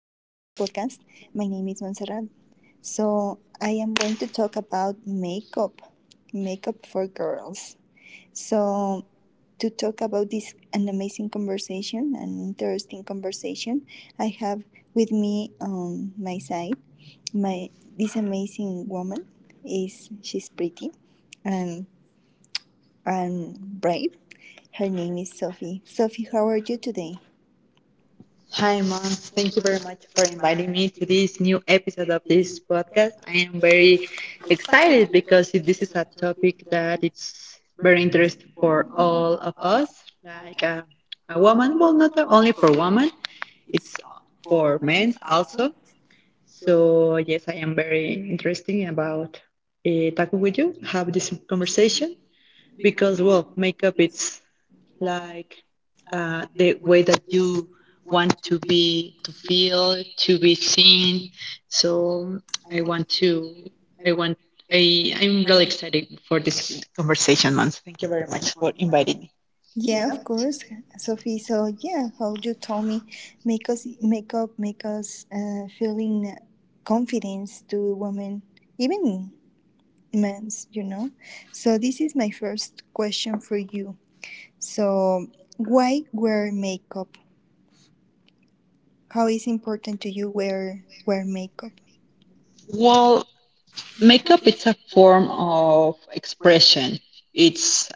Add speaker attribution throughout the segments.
Speaker 1: podcast. My name is Montserrat. So, I am going to talk about makeup, makeup for girls. So, to talk about this an amazing conversation, an interesting conversation, I have with me on my side my this amazing woman is she's pretty and and brave. Her name is Sophie. Sophie, how are you today?
Speaker 2: Hi, Mom. Thank you very much for inviting me to this new episode of this podcast. I am very excited because this is a topic that it's very interesting for all of us. Like a woman, well, not only for women, it's for men also. So yes, I am very interesting about talking with you, have this conversation because well makeup it's like the way that you want to be to feel to be seen so I want to I want I, I'm really excited for this conversation, Mons. Thank you very much for inviting me.
Speaker 1: Yeah, of course, Sophie. So yeah, how you told me, make us make up, make us feeling confidence to women, even men's. You know. So this is my first question for you. So why wear makeup? How is important to you wear makeup?
Speaker 2: Well, makeup it's a form of expression, it's...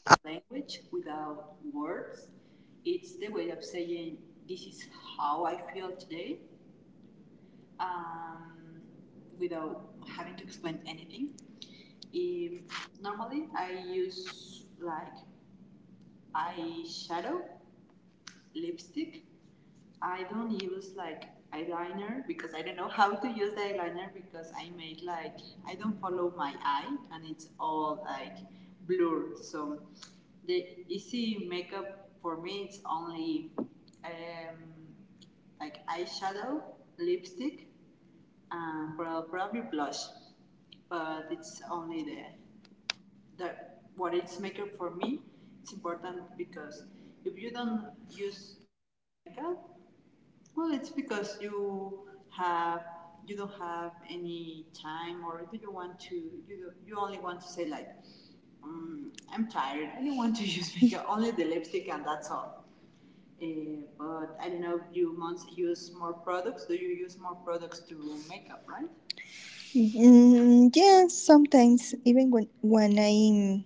Speaker 1: Mm, yeah, sometimes even when I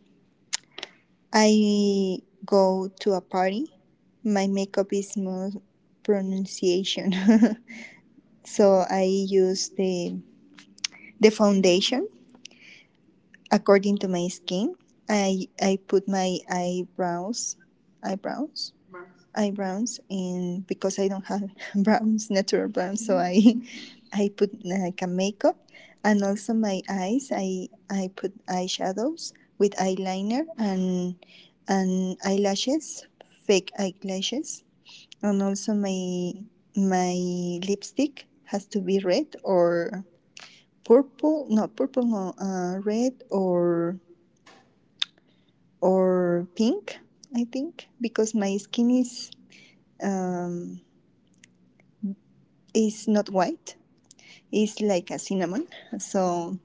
Speaker 1: I go to a party. My makeup is more pronunciation. So I use the foundation according to my skin. I put my eyebrows eyebrows and because I don't have brows, natural brows, so I I put like a makeup, and also my eyes I put eyeshadows with eyeliner and eyelashes, fake eyelashes, and also my lipstick has to be red or purple, no purple, no, red or pink, I think, because my skin um, is not white. It's like a cinnamon. So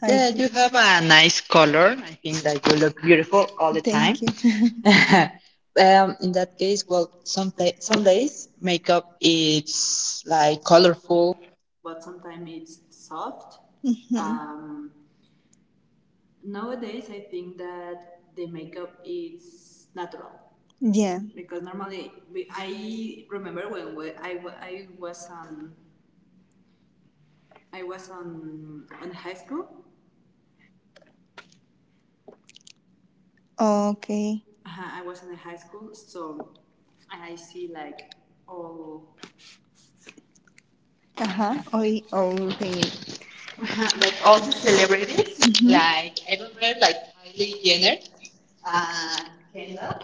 Speaker 1: I
Speaker 2: Yeah, you
Speaker 1: put,
Speaker 2: have a nice color. I think that you look beautiful all the time.
Speaker 1: thank time. You.
Speaker 2: In that case, well, some days makeup is like colorful.
Speaker 1: Yeah. Okay. Ajá. Hoy, okay.
Speaker 2: Uh-huh. Like also celebrities, like I remember like Kylie Jenner and Kendall,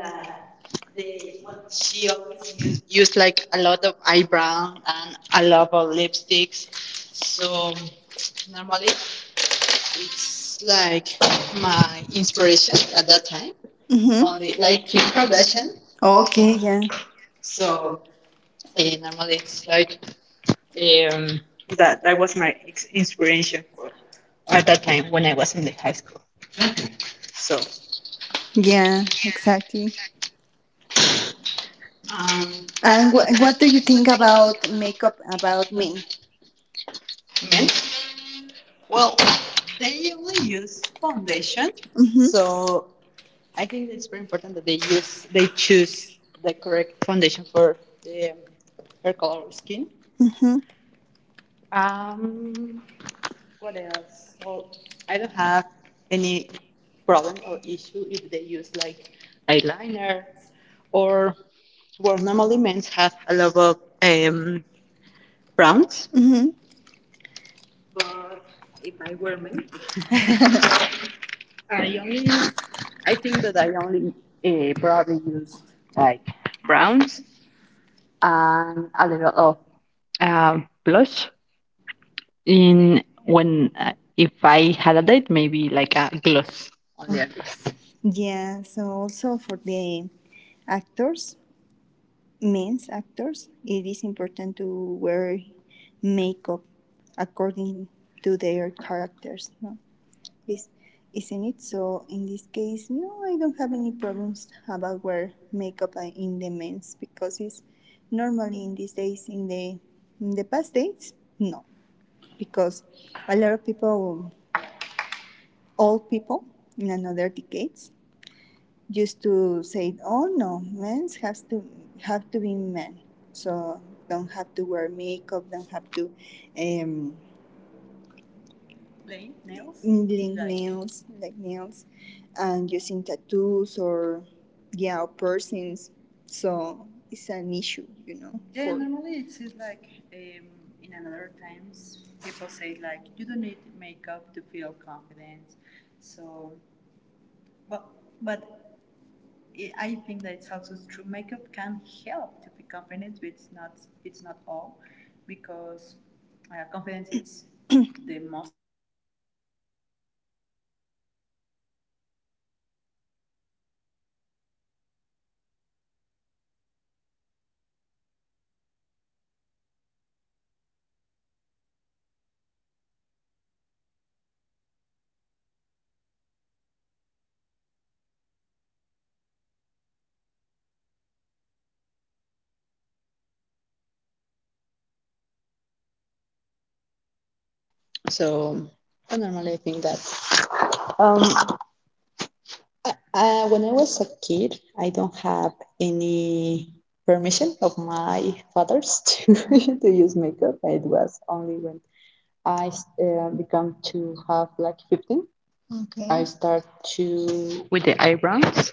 Speaker 2: that they when she always used like a lot of eyebrow and a lot of lipsticks. So normally it's like my inspiration at that time.
Speaker 1: Ujú.
Speaker 2: Mhm. Only like Kim Kardashian.
Speaker 1: Okay.
Speaker 2: Okay.
Speaker 1: Yeah.
Speaker 2: So normally, it's like um, that was my inspiration for at that time when I was in the high school. Mm-hmm. So yeah.
Speaker 1: Yeah. Exactly.
Speaker 2: um,
Speaker 1: And
Speaker 2: And
Speaker 1: wh- what
Speaker 2: what
Speaker 1: do
Speaker 2: do
Speaker 1: you
Speaker 2: you
Speaker 1: think
Speaker 2: think about
Speaker 1: about
Speaker 2: makeup
Speaker 1: makeup about
Speaker 2: about me?
Speaker 1: men?
Speaker 2: Men, well, they only use foundation, mm-hmm.
Speaker 1: Mhm.
Speaker 2: So I think it's very important that they choose the correct foundation for um, her color of skin. Um, What else? Well, I don't have any problem or issue if they use like eyeliner, or well, normally men have a lot of um, browns. But well, I only, I think that I only probably use like browns and a little of uh, blush in if only.
Speaker 1: Yeah. So also for the actors, men's actors, it is important to wear makeup according to their characters, no? Please, isn't it so? In this case, no, I don't have any problems about wear makeup in the men's, because it's normally in these days, in the past days, no, because a lot of people, old people in another decades, used to say, "Oh no, men's has to be men, so don't have to wear makeup, don't have to." Um, Link nails, like nails, and using tattoos or yeah, or piercings. So it's an issue. To be confident, but it's not all. Because
Speaker 2: So normally I think that um, when I was a kid, I don't have any permission of my fathers to use makeup. It was only when I become to have like 15. I start to with the eyebrows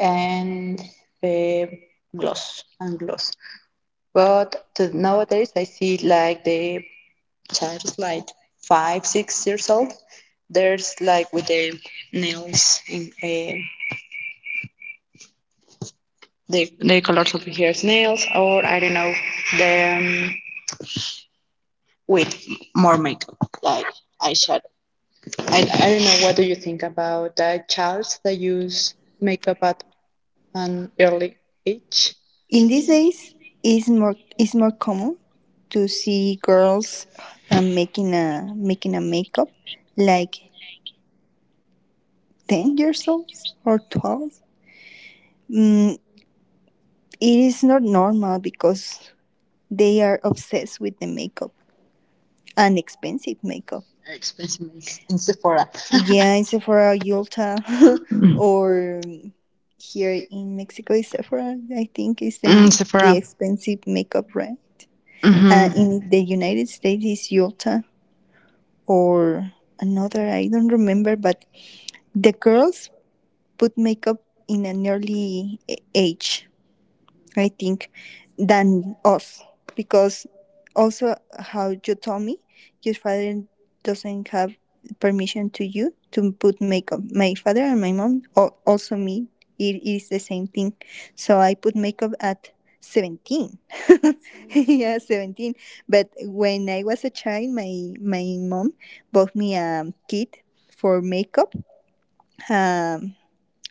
Speaker 2: and the gloss. But the, nowadays I see like the child is like five, 6 years old. There's like with the nails in, they color of hair nails, or I don't know them with more makeup like eyeshadow. I don't know what do you think about the childs that use makeup at an early age.
Speaker 1: in these days, it's more common to see girls, making a makeup like 10 years old or 12 mm, it is not normal because they are obsessed with the makeup and expensive makeup.
Speaker 2: Expensive in Sephora.
Speaker 1: Yeah, in Sephora, Yulta. Or here in Mexico is Sephora, I think is
Speaker 2: Mm,
Speaker 1: the
Speaker 2: Sephora.
Speaker 1: expensive makeup, right? And
Speaker 2: Mm-hmm.
Speaker 1: in the United States is Yulta, or another, I don't remember. But the girls put makeup in an early age, I think, than us. Because also, how you told me, your father doesn't have permission to you to put makeup. My father and my mom, or also me, it is the same thing. So I put makeup at 17. Yeah, 17. But when I was a child, my mom bought me a kit for makeup, um,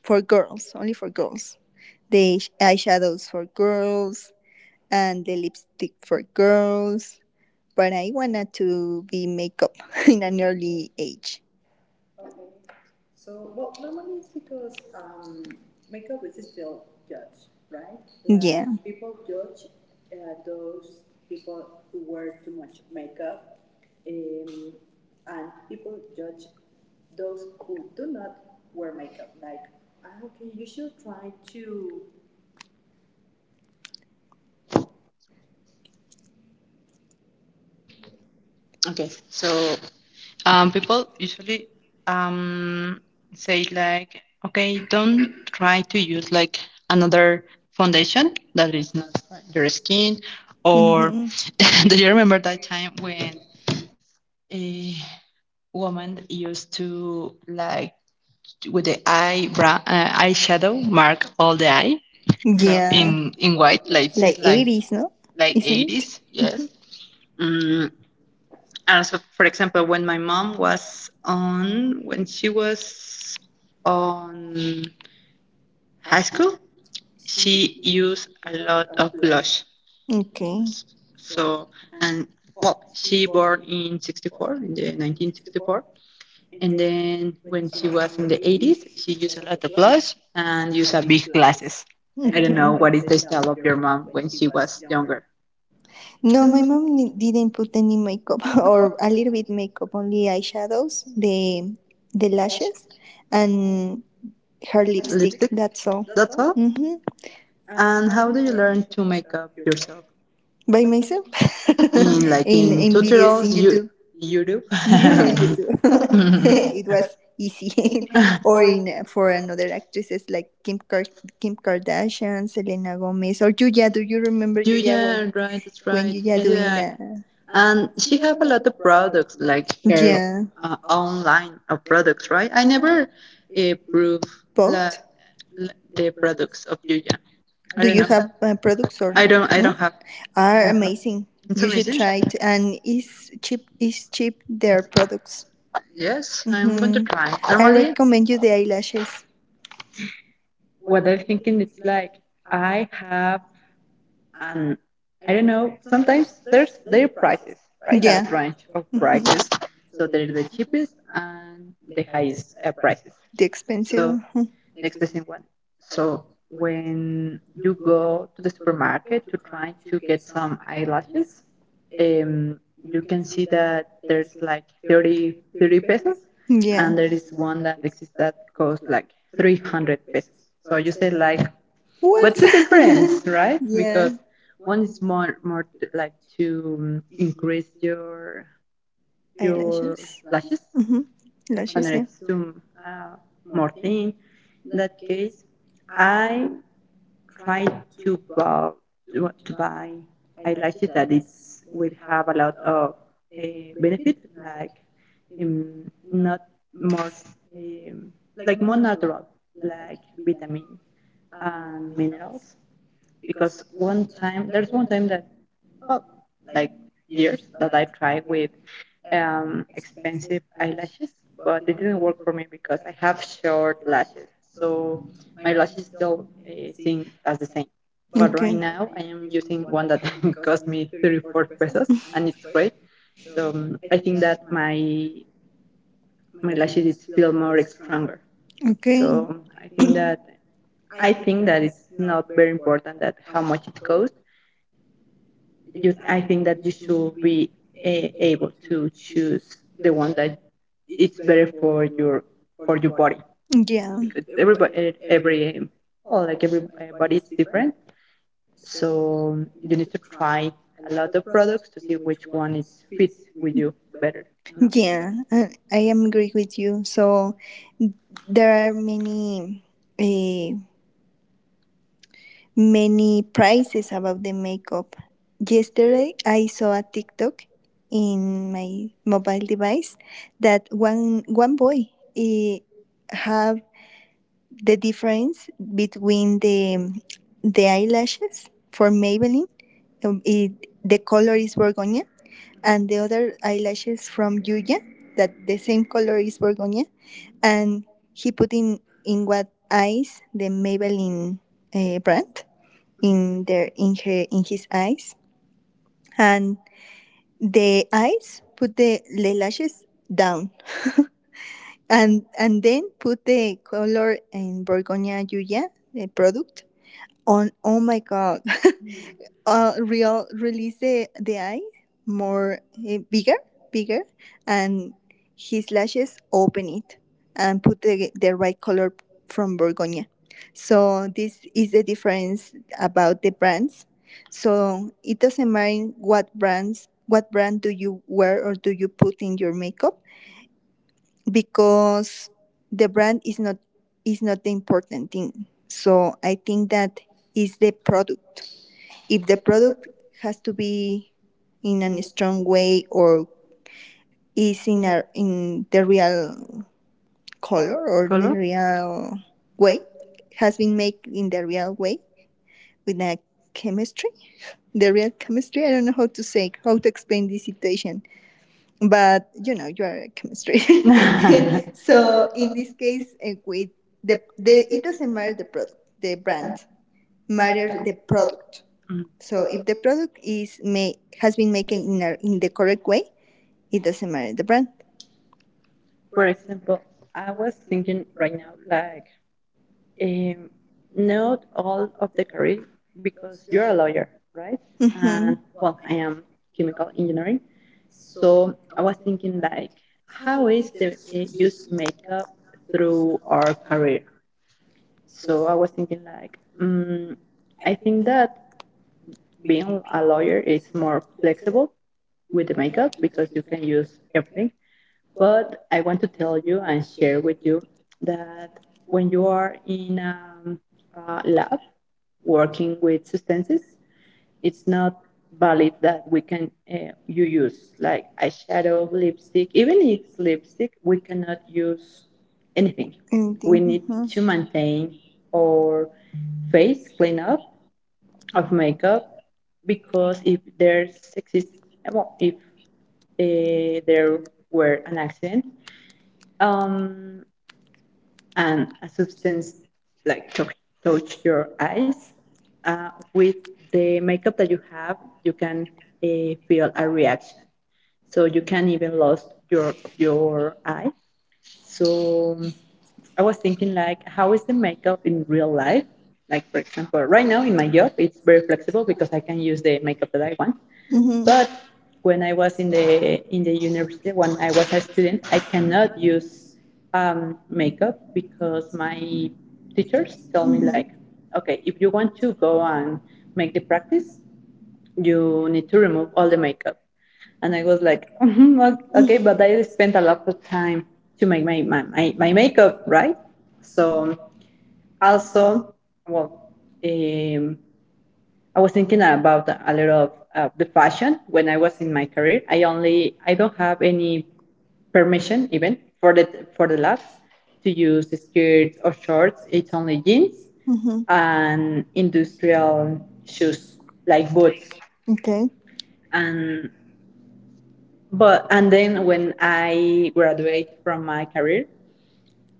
Speaker 1: for girls, only for girls, the eyeshadows for girls, and the lipstick for girls. But I wanted to be makeup in an early age. Like, yeah.
Speaker 2: Okay, so people usually um, say like, okay, don't try to use like another foundation that is not your skin. Or do you remember that time when a woman used to like with the eyebrow eyeshadow mark all the eye so
Speaker 1: Yeah,
Speaker 2: in white
Speaker 1: and
Speaker 2: like
Speaker 1: like
Speaker 2: it's
Speaker 1: 80s, no?
Speaker 2: like
Speaker 1: Isn't it?
Speaker 2: 80s, yes. Mm, and so, for example, when my mom when she was on high school, she used a lot of blush.
Speaker 1: Okay.
Speaker 2: S- So, and well, she born in 64, in the 1964. And then when she was in the 80s, she used a lot of blush and used a big glasses. I
Speaker 1: And
Speaker 2: don't know what is
Speaker 1: okay.
Speaker 2: the style of your mom when she was younger.
Speaker 1: No, my mom didn't put any makeup, or a little bit makeup, only eyeshadows, the lashes, and her lipstick.
Speaker 2: Lipstick,
Speaker 1: That's all.
Speaker 2: that's all.
Speaker 1: Mm-hmm.
Speaker 2: And how do you learn to make up yourself?
Speaker 1: By myself.
Speaker 2: In like
Speaker 1: in
Speaker 2: in,
Speaker 1: in videos in
Speaker 2: tutorials you
Speaker 1: YouTube.
Speaker 2: Europe.
Speaker 1: Yeah, in YouTube. It was easy. Or in, for another actresses like Kim Kardashian, Selena Gomez, or Yuya. Do you remember Yuya, when
Speaker 2: Julia, right, that's
Speaker 1: when
Speaker 2: right.
Speaker 1: Yuya
Speaker 2: Yeah,
Speaker 1: doing
Speaker 2: yeah.
Speaker 1: the,
Speaker 2: And she have a lot of products, like the- her, yeah.
Speaker 1: yeah,
Speaker 2: Online of products, right? I never prove la,
Speaker 1: both?
Speaker 2: la, the products of Julia. I
Speaker 1: Do
Speaker 2: don't
Speaker 1: you
Speaker 2: know.
Speaker 1: have products or
Speaker 2: I
Speaker 1: no?
Speaker 2: don't. I
Speaker 1: No?
Speaker 2: don't have. I
Speaker 1: Are
Speaker 2: don't have-
Speaker 1: amazing.
Speaker 2: It's
Speaker 1: You should
Speaker 2: amazing.
Speaker 1: try it, and it's cheap. It's cheap their product.
Speaker 2: Yes, I'm going to
Speaker 1: Mhm.
Speaker 2: try.
Speaker 1: I
Speaker 2: Normally,
Speaker 1: recommend you the eyelashes.
Speaker 2: what I'm thinking it's like I have and I don't know. Sometimes there's their prices, right?
Speaker 1: Yeah,
Speaker 2: That range of
Speaker 1: mhm.
Speaker 2: prices. So they're the cheapest and the highest prices.
Speaker 1: The expensive.
Speaker 2: So
Speaker 1: Mhm.
Speaker 2: next question one. So when you go to the supermarket to try to get some eyelashes, um, you can see that there's like 30 pesos, mm-hmm,
Speaker 1: Yeah.
Speaker 2: and there is one that exists that costs like 300 pesos. So you say like,
Speaker 1: What?
Speaker 2: what's the difference, right?
Speaker 1: Yeah,
Speaker 2: Because one is more like to increase your
Speaker 1: eyelashes.
Speaker 2: lashes,
Speaker 1: Hmm.
Speaker 2: and
Speaker 1: Lashes. Yeah.
Speaker 2: it's to
Speaker 1: uh,
Speaker 2: uh, more thin. In that case, I try to buy to buy eyelashes that it's will have a lot of uh, benefit, like not more um, like more natural, like vitamin and minerals because one time that well like years that I tried with expensive eyelashes, but it didn't work for me because I have short lashes, so my lashes don't think as the same. But
Speaker 1: Okay.
Speaker 2: right now I am using one that cost me 34 pesos and it's great. So I think that my lashes it feel more stronger. So
Speaker 1: Okay.
Speaker 2: I think that I think that it's not very important that how much it costs you. I think that you should be able to choose the one that it's better for your body
Speaker 1: Yeah.
Speaker 2: because everybody every well like every body it's different, so you need to try a lot of products to see which one it fits with you
Speaker 1: You
Speaker 2: better, no
Speaker 1: know? Yeah, I am agree with you. So there are uh, many prices about the makeup. Yesterday, I saw a TikTok in my mobile device that one boy, eh, have the difference between the eyelashes for Maybelline. um, it, the color is Borgogna, and the other eyelashes from Yuya that the same color is Borgogna, and he put in what eyes the Maybelline brand in his eyes, and the eyes put the lashes down, and then put the color in Borgogna Yuya, the product. On, oh my god, real release the eye more, bigger, and his lashes open it and put the right color from Borgonia. So this is the difference about the brands. So it doesn't mind what brands, what brand do you wear or do you put in your makeup, because the brand is not the important thing. So I think that is the product, if the product has to be in a strong way, or is in the real color, or the
Speaker 2: color.
Speaker 1: real way, has been made in the real way with a chemistry, the real chemistry. I don't know how to say, how to explain this situation, but you know you are a chemistry.
Speaker 2: Yeah.
Speaker 1: So in this case, with the it doesn't matter the product, the brand, matter the product.
Speaker 2: Mm.
Speaker 1: So if the product is made, has been made in, a, in the correct way, it doesn't matter the brand.
Speaker 2: For example, I was thinking right now, like Um, not all of the career because you're a lawyer, right?
Speaker 1: Mm-hmm.
Speaker 2: And
Speaker 1: Well,
Speaker 2: well,
Speaker 1: I think.
Speaker 2: I am chemical engineering. So I was thinking like, how is the use makeup through our career? So I was thinking like, mm, I think that being a lawyer is more flexible with the makeup because you can use everything. But I want to tell you and share with you that when you are in a um, lab working with substances, it's not valid that we can you use like eyeshadow, lipstick. Even if it's lipstick, we cannot use anything. We
Speaker 1: Anything.
Speaker 2: need to
Speaker 1: Mm-hmm.
Speaker 2: maintain
Speaker 1: Or...
Speaker 2: our face clean up of makeup because exist if there were an accident, um, and a substance like touch, your eyes. Uh, with the makeup that you have, you can feel a reaction. So you can even lose your eye. So I was thinking like, how is the makeup in real life? Like for example, right now in my job, it's very flexible because I can use the makeup that I want,
Speaker 1: Mm-hmm.
Speaker 2: but when I was in the university, when I was a student, I cannot use makeup because my teachers tell me like, okay, if you want to go and make the practice, you need to remove all the makeup. And I was like, okay, but I spent a lot of time to make my makeup, right? So also, well, um, I was thinking about a lot of the fashion when I was in my career. I don't have any permission even for the labs to use skirts or shorts. It's only jeans
Speaker 1: Mm-hmm.
Speaker 2: and industrial shoes like boots.
Speaker 1: Okay.
Speaker 2: And but and then when I graduate from my career,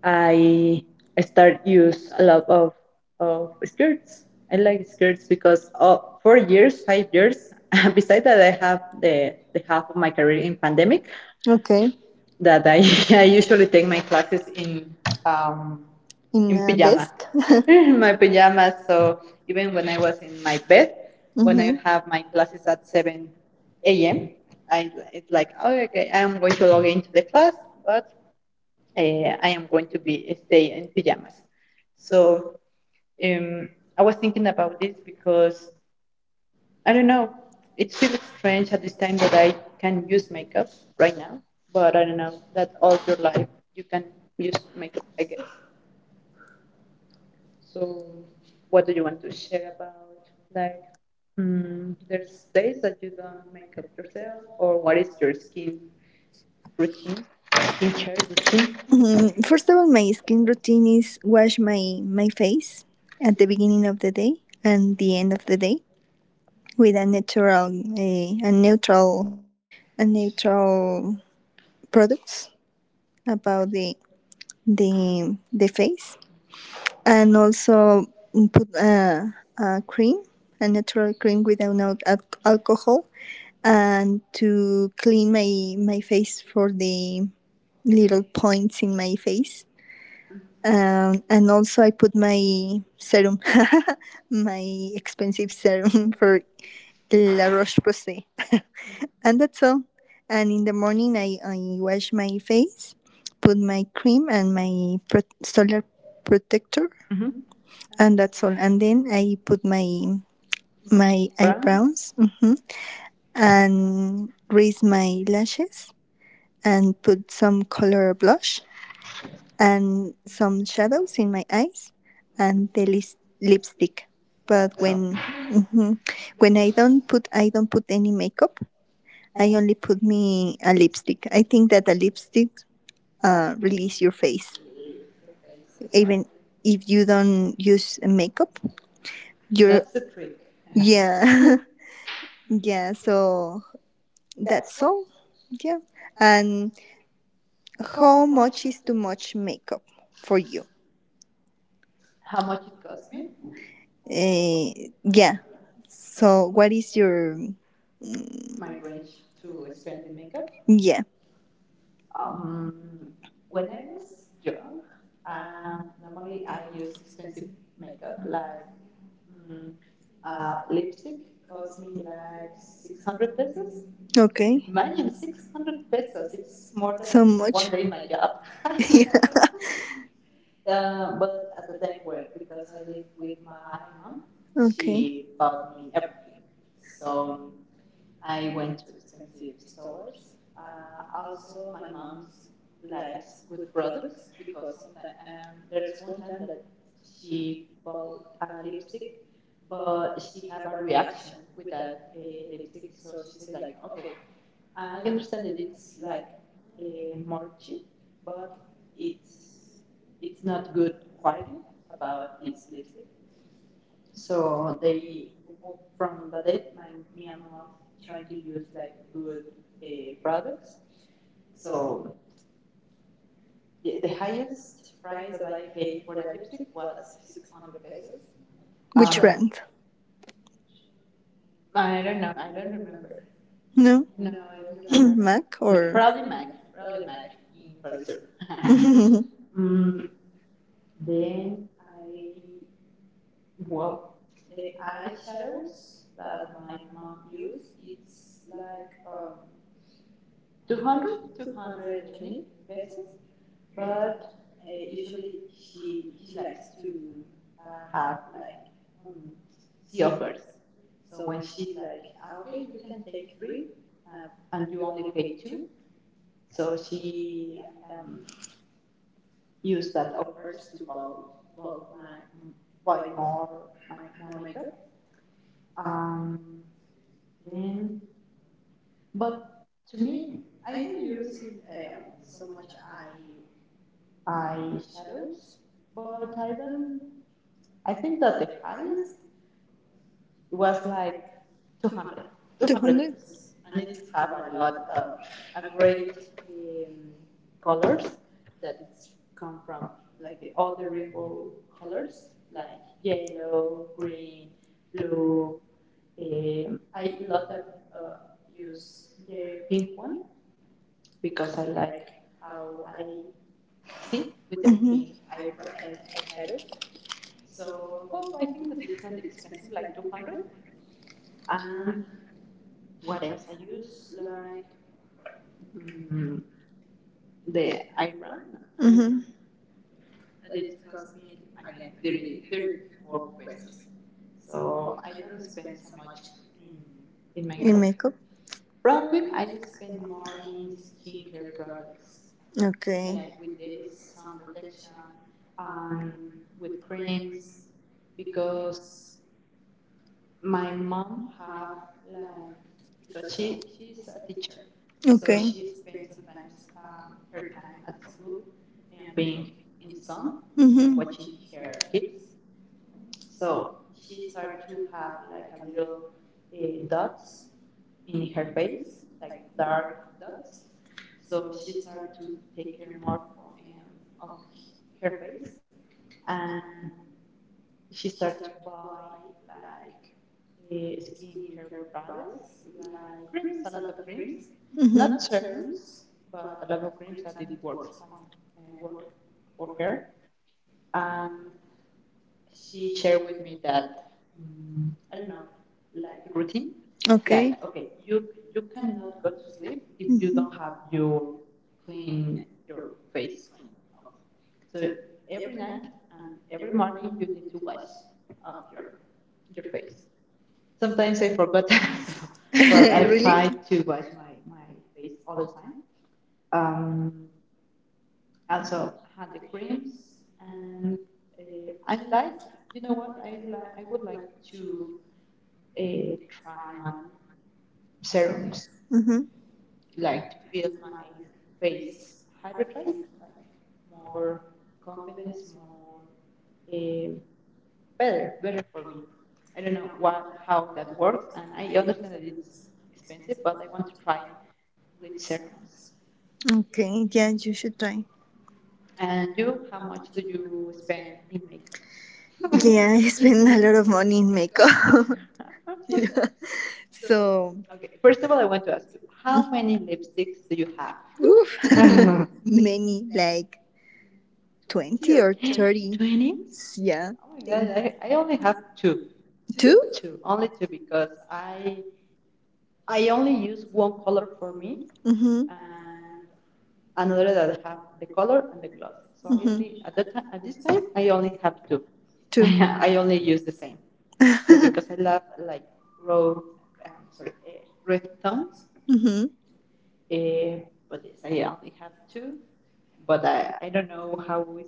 Speaker 2: I I start use a lot of skirts. I like skirts because oh, 4 years, 5 years. Besides that, I have the half of my career in pandemic
Speaker 1: Okay.
Speaker 2: that I I usually take my classes um
Speaker 1: In
Speaker 2: in
Speaker 1: a
Speaker 2: pajama,
Speaker 1: desk.
Speaker 2: my pajamas. So even when I was in my bed, when I
Speaker 1: Mm-hmm.
Speaker 2: have my classes at seven a.m., I it's like oh, okay, I am going to log into the class, but uh, I am going to be stay in pajamas. So um, I was thinking about this because I don't know. It feels strange at this time that I can use makeup right now, but I don't know that all your life you can use makeup, I guess. So what do you want to share about like? Mm, there's days that you don't make up yourself, or what is your skin routine, skincare routine?
Speaker 1: Mm, first of all, my skin routine is wash my face at the beginning of the day and the end of the day, with a natural, a, a neutral a neutral products about the face, and also put a cream, a natural cream without no alcohol, and to clean my face, for the little points in my face. And also I put my serum, my expensive serum, for La Roche Posay. And that's all. And in the morning, I wash my face, put my cream and my solar protector,
Speaker 2: Mm-hmm.
Speaker 1: and that's all. And then I put my
Speaker 2: Brown?
Speaker 1: eyebrows, and raise my lashes, and put some color blush, and some shadows in my eyes, and the lipstick. But
Speaker 2: That's all.
Speaker 1: when I don't put any makeup, I only put me a lipstick. I think that a lipstick, release your face, even if you don't use makeup.
Speaker 2: So
Speaker 1: You're,
Speaker 2: that's the trick.
Speaker 1: yeah. Yeah. So, that's all. Yeah. And how much is too much makeup for you?
Speaker 2: How much it cost me?
Speaker 1: Uh, yeah. So what is your,
Speaker 2: My range to spend in makeup.
Speaker 1: yeah?
Speaker 2: Um, when I was young, normally I use expensive makeup like mm, lipstick cost me like 600 pesos.
Speaker 1: Okay.
Speaker 2: Imagine 600 pesos. It's more than
Speaker 1: So
Speaker 2: one
Speaker 1: much.
Speaker 2: day in my job.
Speaker 1: Yeah.
Speaker 2: But at the time, well, because I live with my mom, she
Speaker 1: Okay.
Speaker 2: bought me everything. So I went to expensive stores. Also, my mom likes good products because sometimes there's one time that she bought a lipstick, but she had a reaction with that lipstick. So she said like, okay, I understand that it's like more cheap, but it's it's not good quality about this lipstick. So they, from the date, me and my mom try to use like good products. So the highest price that I paid for the lipstick was 600 pesos.
Speaker 1: Which
Speaker 2: Um,
Speaker 1: brand?
Speaker 2: I don't know. I don't remember.
Speaker 1: No.
Speaker 2: No, I don't remember.
Speaker 1: Mac or
Speaker 2: Probably Mac. Probably Mac in Pfizer. Mm, then I well the eyeshadows that my mom used. It's like 200, two hundred twenty 220 pesos, but usually she likes to have like um, she offers. So when she like, okay, you can take three, and you only pay two. So she um, used that offers to buy my buy more makeup. Um, then, but to me, I didn't use it so much. I Eyeshadows, but I don't. I think that the highest was like 200,
Speaker 1: two
Speaker 2: 200.
Speaker 1: hundred?
Speaker 2: And it have a lot of a great um, colors that it's come from, like all the rainbow colors, like yellow, green, blue. I lot of uh, use the pink one because I like how I see with the pink eyebrow eyeshadows. So hope I think that it's not expensive, like 200. And what else? I use like mm, the iron. I don't know.
Speaker 1: Mm-hmm.
Speaker 2: That it cost me again 30, 34 pesos. So I don't spend so much in in my
Speaker 1: In
Speaker 2: hair.
Speaker 1: makeup.
Speaker 2: Probably I spend more in skincare products, like
Speaker 1: Okay.
Speaker 2: with the sun protection and with creams, because my mom have like because she's a teacher,
Speaker 1: So
Speaker 2: so
Speaker 1: okay.
Speaker 2: she spends sometimes her time at school and being in sun,
Speaker 1: Mhm.
Speaker 2: watching her kids. So she started to have like a little dots in her face, like dark dots. So she started to take care more of her face, and she started to buy like skincare products like creams, a lot of creams. Mm-hmm.
Speaker 1: Mhm.
Speaker 2: Not serums, but a lot of creams that it works on, work for her. And she shared with me that I don't know, like routine. Okay. Like
Speaker 1: Okay.
Speaker 2: okay,
Speaker 1: You,
Speaker 2: you cannot go to sleep if you don't have your clean your face clean. So every night and every morning you need to wash up your face. Sometimes I forgot, but
Speaker 1: your
Speaker 2: I
Speaker 1: really?
Speaker 2: try to wash my face all the time. Um, Also I had the creams, and I like, you know what, I like, I would like to uh, try on serums,
Speaker 1: Mm-hmm.
Speaker 2: like to feel my face hydrated, like more confidence, more uh, better, for me. I don't know what how that works, and I understand that it's expensive, but I want to try with serums.
Speaker 1: Okay. Yeah, you should try.
Speaker 2: And you, how much do you spend in makeup?
Speaker 1: Yeah, I spend a lot of money in makeup. Yeah. So,
Speaker 2: Okay, first of all, I want to ask you, how many lipsticks do you
Speaker 1: oof,
Speaker 2: have?
Speaker 1: many like 20 or 30.
Speaker 2: 20?
Speaker 1: Yeah,
Speaker 2: Yeah. Oh my God, I only have two.
Speaker 1: two.
Speaker 2: Two, only two because I only use one color for me
Speaker 1: Mm-hmm.
Speaker 2: and another that I have the color and the gloss. So I only at that time at this time I only have two. Two.
Speaker 1: Two.
Speaker 2: I only use the same. So because I love like road, sorry, rhythms,
Speaker 1: Mm-hmm.
Speaker 2: uh, but yes, I only have two. But I don't know how is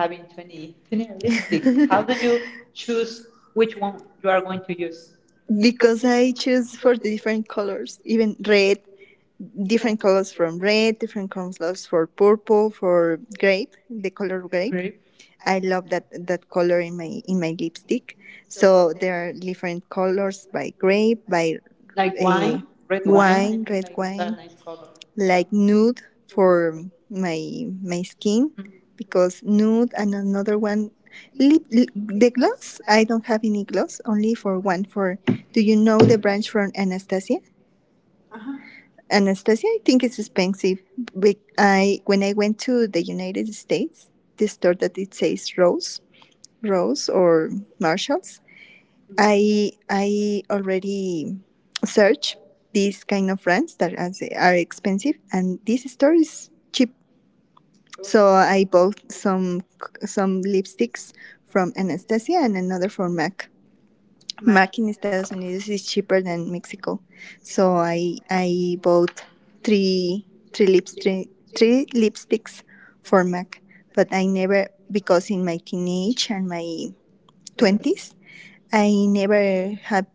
Speaker 2: having twenty twenty 20 lipsticks. How do you choose which one you are going to use?
Speaker 1: Because I choose for the different colors, even red, different colors from red, different colors for purple, for grape, the color grape.
Speaker 2: Grape,
Speaker 1: I love that color in my lipstick, so there are different colors by grape, by,
Speaker 2: like
Speaker 1: uh,
Speaker 2: wine, red wine. I
Speaker 1: wine,
Speaker 2: think
Speaker 1: red
Speaker 2: like it's a
Speaker 1: wine,
Speaker 2: nice color.
Speaker 1: like
Speaker 2: uh
Speaker 1: nude, for my skin, because nude and another one, lip the gloss. I don't have any gloss, only for one, for, do you know the branch from Anastasia I think it's expensive. But I when I went to the United States, the store that it says Rose or Marshalls, I already search these kind of brands that are expensive, and this store is cheap. So I bought some lipsticks from Anastasia, and another from MAC. MAC in Estados Unidos is cheaper than Mexico, so I bought three three lipsticks for MAC. But I never, because in my teenage and my
Speaker 2: Mm.
Speaker 1: twenties, I never have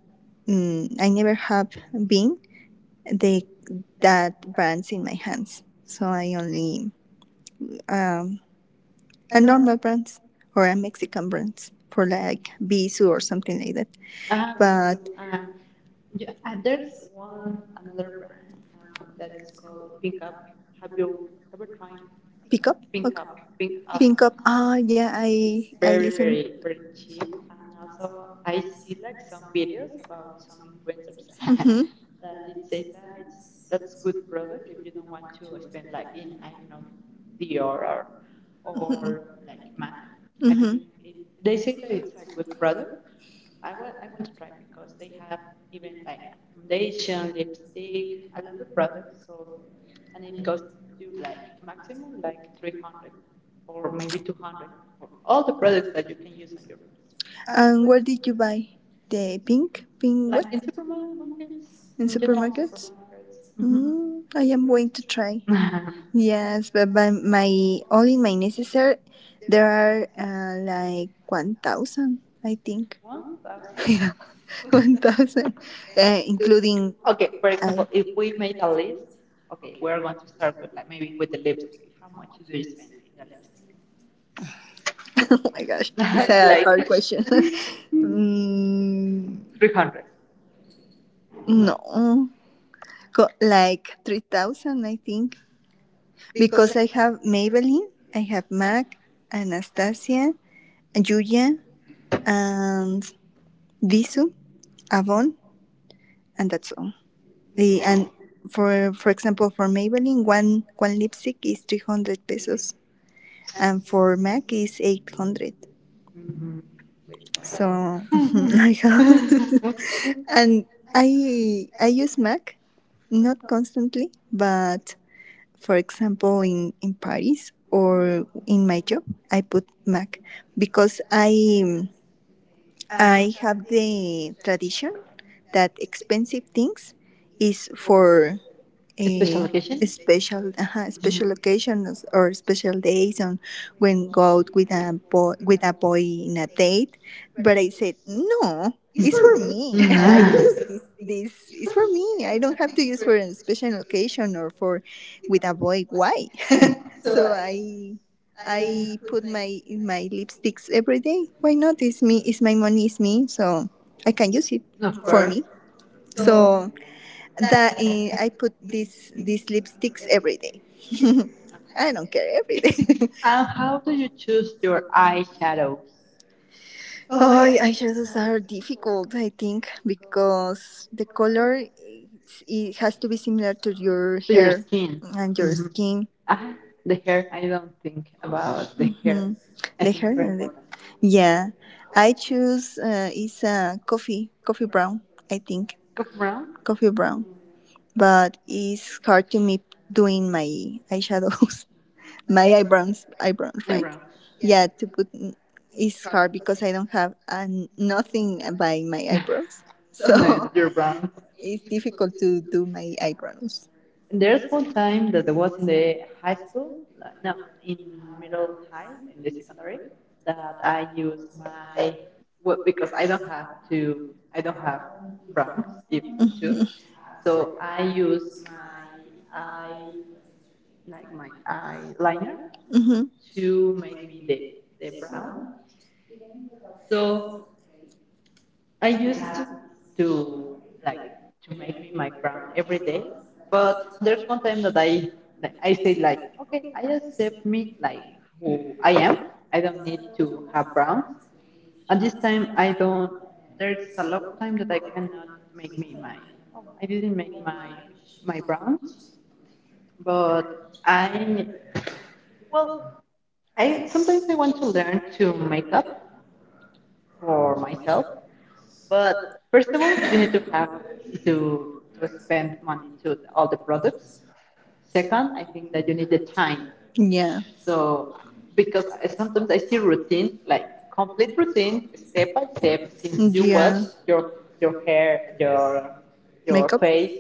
Speaker 1: I never have been the that brands in my hands. So I only a normal brands, or a Mexican brands for, like, Bisu, or something like that.
Speaker 2: Ah, Bisou.
Speaker 1: But
Speaker 2: And yeah, and there's one another brand that is called Pink Up. Have you ever tried
Speaker 1: pick up,
Speaker 2: Pink
Speaker 1: okay.
Speaker 2: Up. Pink Up.
Speaker 1: Pink up. Ah, yeah, I
Speaker 2: It's
Speaker 1: I
Speaker 2: very,
Speaker 1: listen.
Speaker 2: very, very cheap. And also, I see like some videos about some influencers
Speaker 1: Mhm,
Speaker 2: that it says that's good product if you don't want to spend like in I don't know Dior or like Mac. Mm-hmm. I think
Speaker 1: mhm.
Speaker 2: it, they say that it's a good product. I want to try because they have even like foundation, lipstick, a lot of products. So and it goes to like maximum like 300 or maybe 200 for all the products that you can use on your
Speaker 1: And where did you buy the pink what,
Speaker 2: like in supermarkets,
Speaker 1: in
Speaker 2: in general
Speaker 1: supermarkets?
Speaker 2: supermarkets. Mm-hmm.
Speaker 1: Mm, I am going to try. Yes, but by my only my necessary, there are like 1,000, I think.
Speaker 2: one thousand
Speaker 1: Yeah, 1,000, including.
Speaker 2: Okay, for
Speaker 1: I,
Speaker 2: example, if we made a list, okay, we're going to start with like maybe with the lipstick. How much do you spend in the
Speaker 1: oh my gosh, it's
Speaker 2: lipstick?
Speaker 1: a
Speaker 2: Like
Speaker 1: hard question. mm,
Speaker 2: 300?
Speaker 1: no, go, like 3,000, I think, because I have Maybelline, I have Mac, Anastasia, Julia, and Visu, Avon, and that's all. The and for example, for Maybelline, one lipstick is 300 pesos, and for MAC is 800.
Speaker 2: Wait.
Speaker 1: So I have and I use MAC not constantly, but for example in Paris or in my job I put MAC because I have the tradition that expensive things is for eh,
Speaker 2: Special occasion.
Speaker 1: special uh,
Speaker 2: Mhm.
Speaker 1: special occasions or special days on when go out with a boy in a date. But I said no, it's for me.
Speaker 2: Mhm.
Speaker 1: I This is for me. I don't have to use for a special occasion or for with a boy. Why? So I put my lipsticks every day. Why not? It's me, it's my money, it's me, so I can use it
Speaker 2: Of
Speaker 1: for
Speaker 2: course.
Speaker 1: me. So I put these lipsticks every day. I don't care, every day.
Speaker 2: And how do you choose your eyeshadows?
Speaker 1: Oh, eyeshadows are difficult, I think, because the color it has to be similar to your
Speaker 2: To your
Speaker 1: hair
Speaker 2: skin?
Speaker 1: and your
Speaker 2: Mhm.
Speaker 1: skin.
Speaker 2: Ah, the hair. I don't think about the hair.
Speaker 1: Mhm.
Speaker 2: I
Speaker 1: The
Speaker 2: think it's
Speaker 1: hair
Speaker 2: very
Speaker 1: and the,
Speaker 2: important.
Speaker 1: yeah. I choose, is a coffee brown. I think
Speaker 2: Go brown.
Speaker 1: coffee brown,
Speaker 2: Mm.
Speaker 1: but it's hard to me doing my eyeshadows. My eyebrows,
Speaker 2: I'm
Speaker 1: right.
Speaker 2: brown.
Speaker 1: Yeah, to put is hard because I don't have an nothing by my eyebrows, so
Speaker 2: No, you're brown.
Speaker 1: it's difficult to do my eyebrows.
Speaker 2: And there's one time that I was in the high school, like, no, in middle high, in the secondary, that I use my well, because I don't have to, I don't have browns if too, so I use my eye, like my eyeliner,
Speaker 1: Hmm.
Speaker 2: to make me the brown. So I used to to like to make me my crown every day, but there's one time that I said like, okay, I accept me like who I am. I don't need to have browns. And this time I don't. There's a lot of time that I cannot make me my. Oh, I didn't make my browns, but I well, I sometimes I want to learn to make up for myself. But first of all, you need to have to spend money to all the products. Second, I think that you need the time.
Speaker 1: Yeah,
Speaker 2: So because sometimes I see routine like complete routine step by step since you wash
Speaker 1: yeah.
Speaker 2: your your hair your
Speaker 1: Makeup.
Speaker 2: face.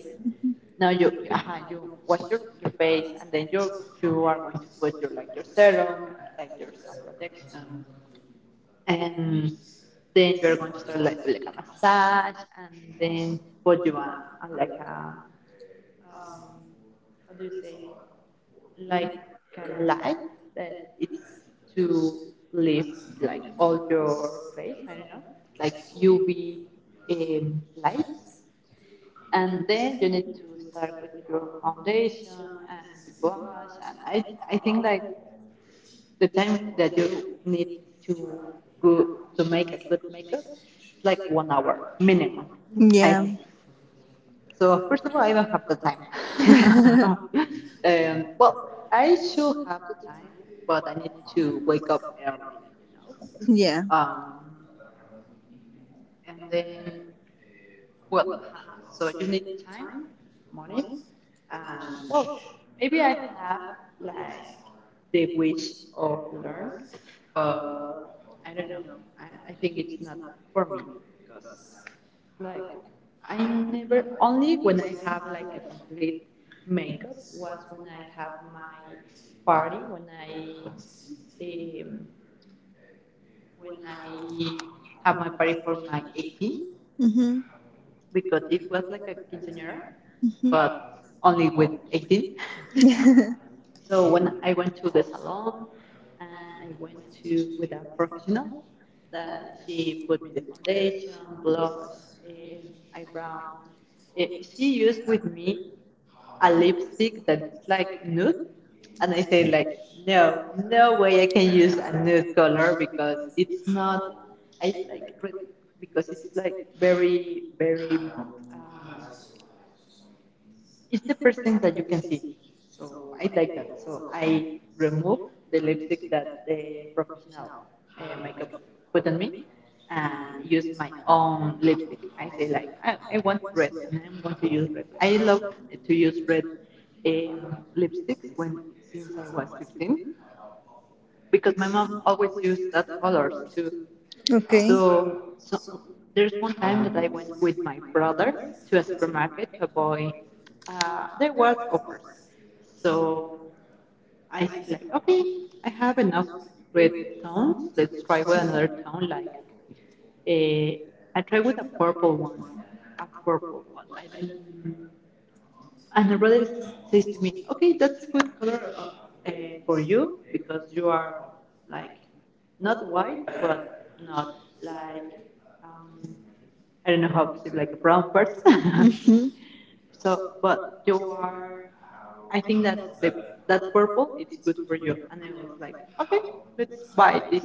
Speaker 2: Now you you wash your face and then you are going to put your like your serum, like your sun protection and then you're going to start like with like a massage, and then put you a like a um, how do you say like a light that it's to leave like all your face. I don't know, like UV um, lights, and then you need to start with your foundation and gouache. And I think like the time that you need to go to make a good makeup is like 1 hour minimum. I
Speaker 1: Yeah,
Speaker 2: think. So first of all, I don't have the time. Well, I should have the time, but I need to wake up early, you know.
Speaker 1: yeah.
Speaker 2: Um, and then, well, so you need time, money, and well, maybe I have like the wish of learn, but I don't know. I, I think it's not for me because like I never only when I have like a complete makeup was when I have my party when I have my party for my 18,
Speaker 1: Hmm.
Speaker 2: because it was like a quinceañera but only with 18. So when I went to the salon and I went to with a professional that she put me the foundation, blush, eh, eyebrow. Eh, she used with me a lipstick that's like nude? And I say like, no, no way I can use a nude color because it's not, I like red because it's like very, very, it's the first thing that you can see. So I like that. So I remove the lipstick that the professional makeup put on me and use my own lipstick. I say like, I want red and I'm going to use red. I love to use red lipsticks when since I was 15 because my mom always used that colors too.
Speaker 1: Okay.
Speaker 2: So, so there's one time that I went with my brother to a supermarket to avoid. There was offers, so I said like, okay, I have enough red tones. Let's try with another tone. Like, a. I tried with a purple one, a purple one. I don't. And her brother says to me, okay, that's a good color uh, for you because you are like not white, but not like, um, I don't know how to say, like a brown person.
Speaker 1: Hmm,
Speaker 2: So, but you are, I think that that purple, it's good for you. And I was like, okay, let's buy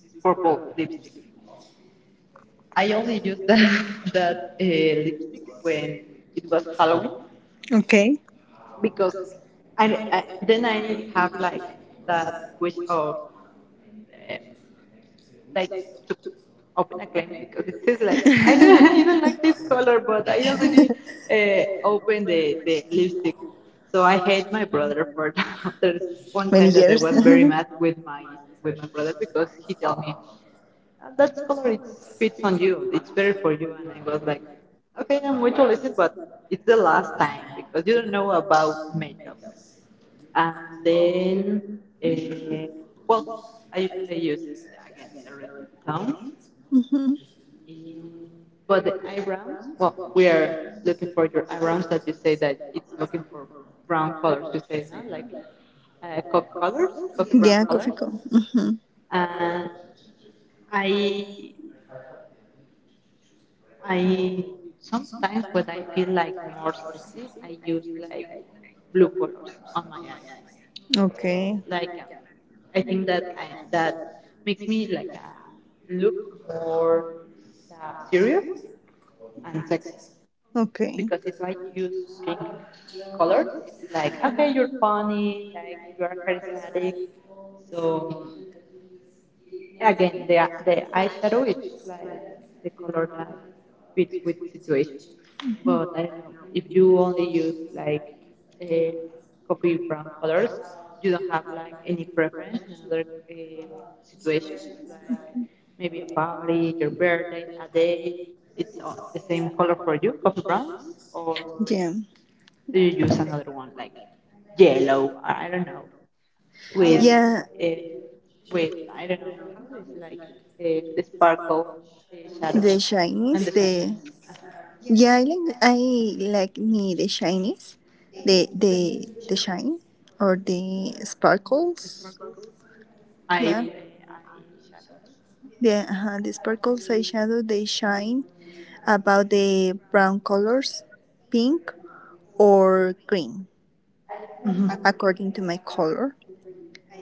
Speaker 2: this purple lipstick. I only used that lipstick when it was Halloween
Speaker 1: okay.
Speaker 2: because I then I have like that wish of um, like to open a claim because it says like I don't even like this color, but I already opened the lipstick. So I hate my brother for that. There's one time that I was very mad with my brother because he told me That color it fits on you, it's better for you, and I was like, okay, I'm going to listen, but it's the last time because you don't know about makeup. And then, uh, well, I usually use again the red tone. Mm. But the eyebrows, well, we are looking for your eyebrows that you say that it's looking for brown colors. You say no, like coffee
Speaker 1: uh,
Speaker 2: colors, coffee brown colors.
Speaker 1: Cup.
Speaker 2: And I, I sometimes when I feel like more sexy, I use like blue colors on my eyes.
Speaker 1: Okay.
Speaker 2: It's like I think that makes me like look more uh, serious and sexy
Speaker 1: Okay.
Speaker 2: because if I use pink colors, it's like okay, you're funny, like you are charismatic. So again, the eyeshadow it's like the color that fits with situation. But I don't know, if you only use like uh, coffee brown colors, you don't have like any preference in other uh, situations, like maybe a party, your birthday, a date, it's all the same color for you, coffee browns, or
Speaker 1: Yeah.
Speaker 2: do you use another one like yellow? I don't know, with
Speaker 1: Yeah.
Speaker 2: uh, with I don't know how is like the sparkle shadow
Speaker 1: The
Speaker 2: and
Speaker 1: Chinese,
Speaker 2: the
Speaker 1: the,
Speaker 2: shiny uh,
Speaker 1: yeah, I like me the Chinese, the the the shine or the sparkles.
Speaker 2: sparkles eye
Speaker 1: Yeah,
Speaker 2: uh, eye shadow.
Speaker 1: the sparkles eyeshadow, they shine about the brown colors, pink or green,
Speaker 2: Mhm.
Speaker 1: according to my color.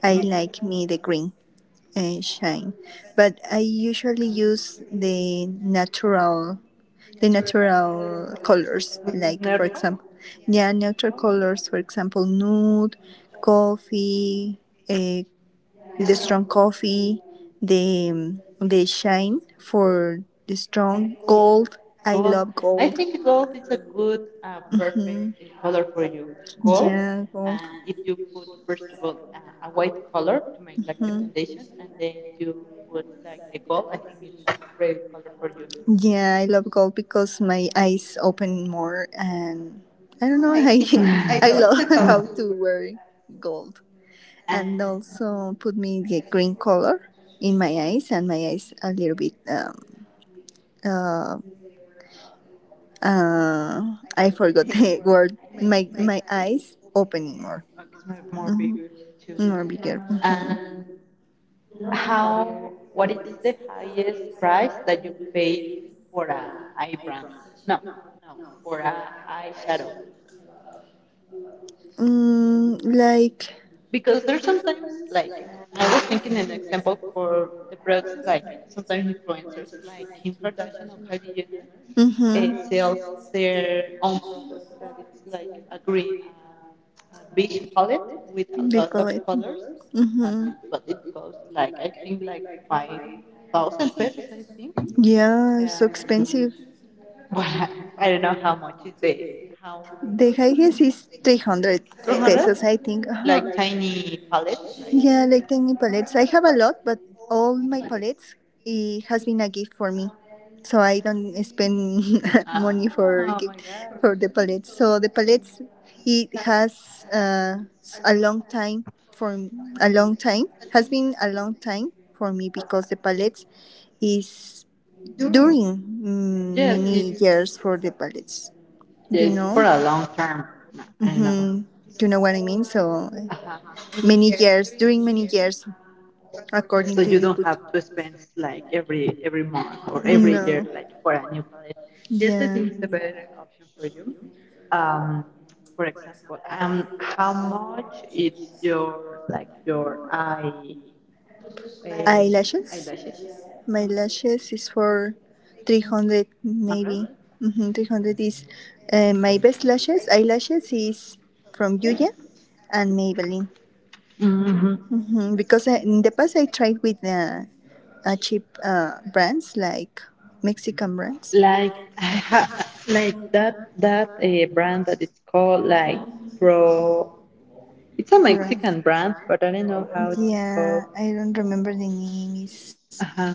Speaker 1: I like me the green shine, but I usually use the natural. The natural colors, like, for
Speaker 2: Neutral?
Speaker 1: example, yeah, natural colors, for example, nude, coffee, eh, the strong coffee, the um, the shine for the strong gold. I
Speaker 2: Gold.
Speaker 1: love
Speaker 2: I
Speaker 1: gold.
Speaker 2: think gold is a good, perfect
Speaker 1: Mhm.
Speaker 2: color for you. Gold.
Speaker 1: Yeah, gold.
Speaker 2: And if you put, first of all, a white color to make like the foundation, and then you put like the gold, I think it's a
Speaker 1: Mhm.
Speaker 2: great color for you.
Speaker 1: Yeah, I love golf because my eyes open more, and I don't know. I I love how to wear gold,
Speaker 2: And
Speaker 1: and also put me the green color in my eyes, and my eyes a little bit. Uh, uh, I forgot the word. My eyes opening more,
Speaker 2: oh, it's more bigger too.
Speaker 1: more bigger. Mhm.
Speaker 2: And how, what is the highest price that you paid for a eyebrow? No, no, for a eyeshadow.
Speaker 1: Mm, like.
Speaker 2: Because there's sometimes like I was thinking an example for the products like sometimes influencers like Kim Kardashian or Kylie Jenner
Speaker 1: Mm-hmm.
Speaker 2: sells their own products, but it's like a green, a big palette with a lot of colors, and
Speaker 1: Mm-hmm.
Speaker 2: it, but it costs like I think like 5,000 pesos, I think.
Speaker 1: Yeah, so
Speaker 2: Um,
Speaker 1: expensive. Reals.
Speaker 2: What I don't know how much is the how
Speaker 1: The highest is 300
Speaker 2: 200
Speaker 1: pesos, I think. Uh-huh.
Speaker 2: like tiny pallets like.
Speaker 1: Yeah, like tiny palettes. I have a lot, but all my palettes, it has been a gift for me. So I don't spend
Speaker 2: Ah,
Speaker 1: money for
Speaker 2: oh my
Speaker 1: gift
Speaker 2: god.
Speaker 1: for the palettes. So the palettes, it has a long time for a long time, has been a long time for me, because the palettes is during
Speaker 2: Yes,
Speaker 1: many
Speaker 2: it's
Speaker 1: years for the palettes. You
Speaker 2: it's for
Speaker 1: know.
Speaker 2: a long term. No, I don't know.
Speaker 1: Mm-hmm. You know what I mean. So
Speaker 2: Uh-huh.
Speaker 1: many years, during many years, according
Speaker 2: So
Speaker 1: to
Speaker 2: you
Speaker 1: you.
Speaker 2: don't have to spend like every month or every year
Speaker 1: No.
Speaker 2: like for a new palette. Yes, I
Speaker 1: Yeah.
Speaker 2: think it's a better option for you. um, for example, how much is your like your eye uh,
Speaker 1: Eyelashes?
Speaker 2: eyelashes?
Speaker 1: My lashes is for 300
Speaker 2: Hundred.
Speaker 1: maybe. Hmm, 300 is, my best lashes. Eyelashes is from Yuya and Maybelline. Hmm. Because I, in the past I tried with cheap brands, like Mexican brands.
Speaker 2: Like ha- like like that a brand that it's called like Pro. It's a
Speaker 1: Right.
Speaker 2: Mexican brand, but I don't know how it's called.
Speaker 1: Yeah, I don't remember the name. Is
Speaker 2: Uh-huh.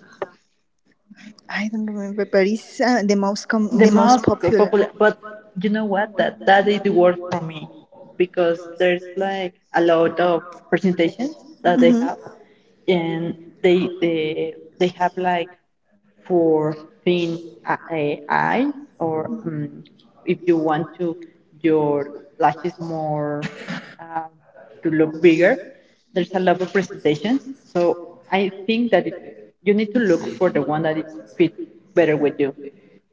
Speaker 1: I don't remember, but it's uh, the most com- the
Speaker 2: The
Speaker 1: most
Speaker 2: most
Speaker 1: popular.
Speaker 2: popular, but you know what? That is the word for me because there's like a lot of presentations that they
Speaker 1: Hmm.
Speaker 2: have and they have like four thin eyes, or if you want to your lashes more um, to look bigger, there's a lot of presentations. So I think that it, you need to look for the one that it fits better with you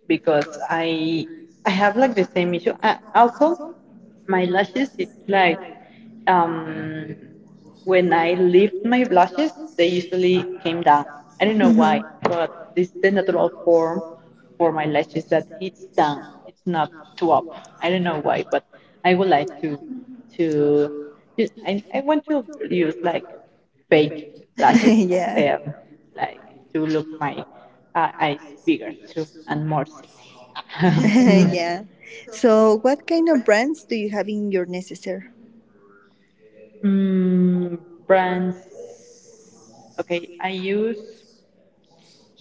Speaker 2: because I have like the same issue. I, also, my lashes it's like um, when I lift my blushes, they usually came down. I don't know why, but this is the natural form for my lashes that it's down. It's not to up. I don't know why, but I would like to I want to use like fake lashes,
Speaker 1: Yeah.
Speaker 2: um, like to look my eyes bigger too and more sexy.
Speaker 1: Yeah. So, what kind of brands do you have in your necessaire?
Speaker 2: Yeah. Brands. Okay, I use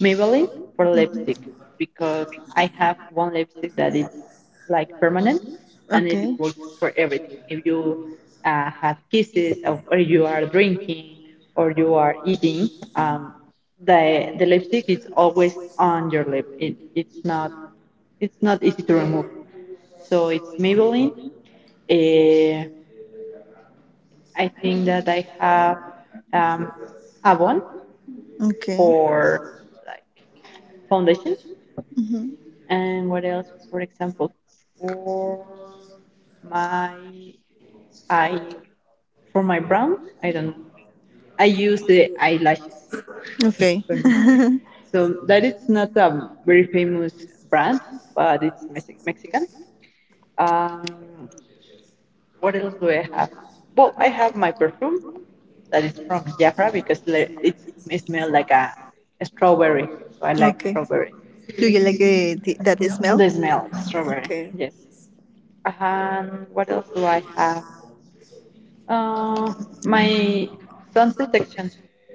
Speaker 2: Maybelline for lipstick because I have one lipstick that is like permanent and it
Speaker 1: Okay.
Speaker 2: works for everything. If you have kisses of, or you are drinking or you are eating, um, the lipstick is always on your lip. It's not it's not easy to remove. So it's Maybelline. Uh, I think that I have um, Avon
Speaker 1: Okay.
Speaker 2: for like foundation.
Speaker 1: Hmm.
Speaker 2: And what else? For example, for my I for my brows, I don't know. I use the eyelashes.
Speaker 1: Okay.
Speaker 2: So that is not a very famous brand, but it's Mexican. Um, what else do I have? Well, I have my perfume that is from Jafra because it smells like a strawberry. So I like
Speaker 1: Okay.
Speaker 2: strawberry.
Speaker 1: Do you like, that smell?
Speaker 2: The smell of strawberry,
Speaker 1: Okay.
Speaker 2: yes. And what else do I have? Uh, my sun protection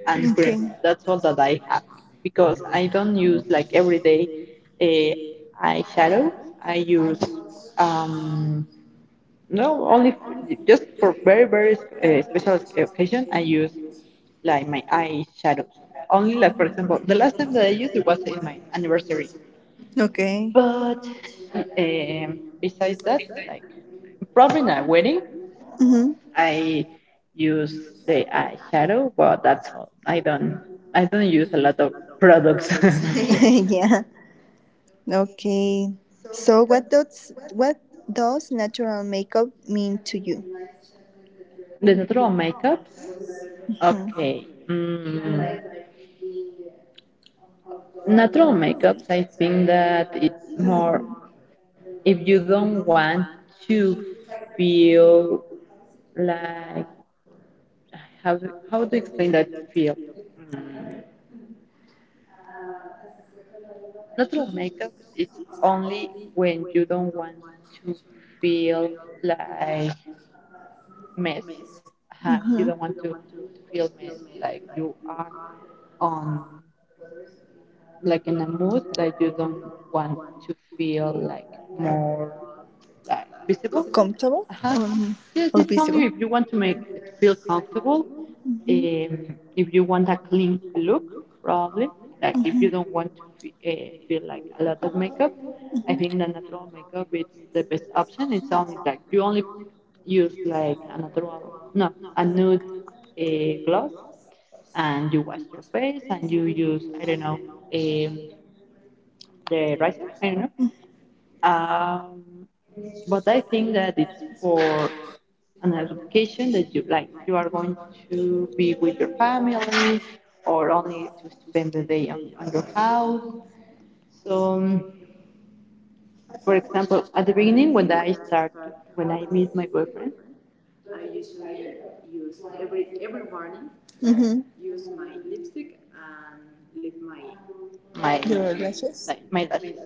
Speaker 2: and cream.
Speaker 1: Okay.
Speaker 2: That's all that I have because I don't use like every day eyeshadow. I use um, no only just for very very special occasion. I use like my eyeshadows only like for example the last time that I used it was in my anniversary.
Speaker 1: Okay.
Speaker 2: But besides that, like probably in a wedding
Speaker 1: Mm-hmm.
Speaker 2: I use the eyeshadow, but that's all. I don't use a lot of products.
Speaker 1: Yeah. Okay. So, what does natural makeup mean to you?
Speaker 2: The natural makeups, okay. Natural makeups, I think that it's more if you don't want to feel like how how to explain that feel. Mm, natural makeups, it's only when you don't want to feel like missed. You don't want to feel missed, like you are on like in a mood that you don't want to feel like more like visible.
Speaker 1: Comfortable
Speaker 2: Uh-huh.
Speaker 1: on.
Speaker 2: Yes,
Speaker 1: Or
Speaker 2: it's
Speaker 1: visible.
Speaker 2: only if you want to make it feel comfortable. Um, if you want a clean look, probably like if you don't want to feel like a lot of makeup, I think the natural makeup is the best option. It's only like you only use like a natural, no, a nude a gloss and you wash your face and you use I don't know um, the razor I don't know. Um, but I think that it's for an education that you like you are going to be with your family or only to spend the day on your house. So for example, at the beginning when I meet my boyfriend, I usually use every morning like
Speaker 1: Hmm.
Speaker 2: use my lipstick and leave my
Speaker 1: Your lashes.
Speaker 2: like my lashes.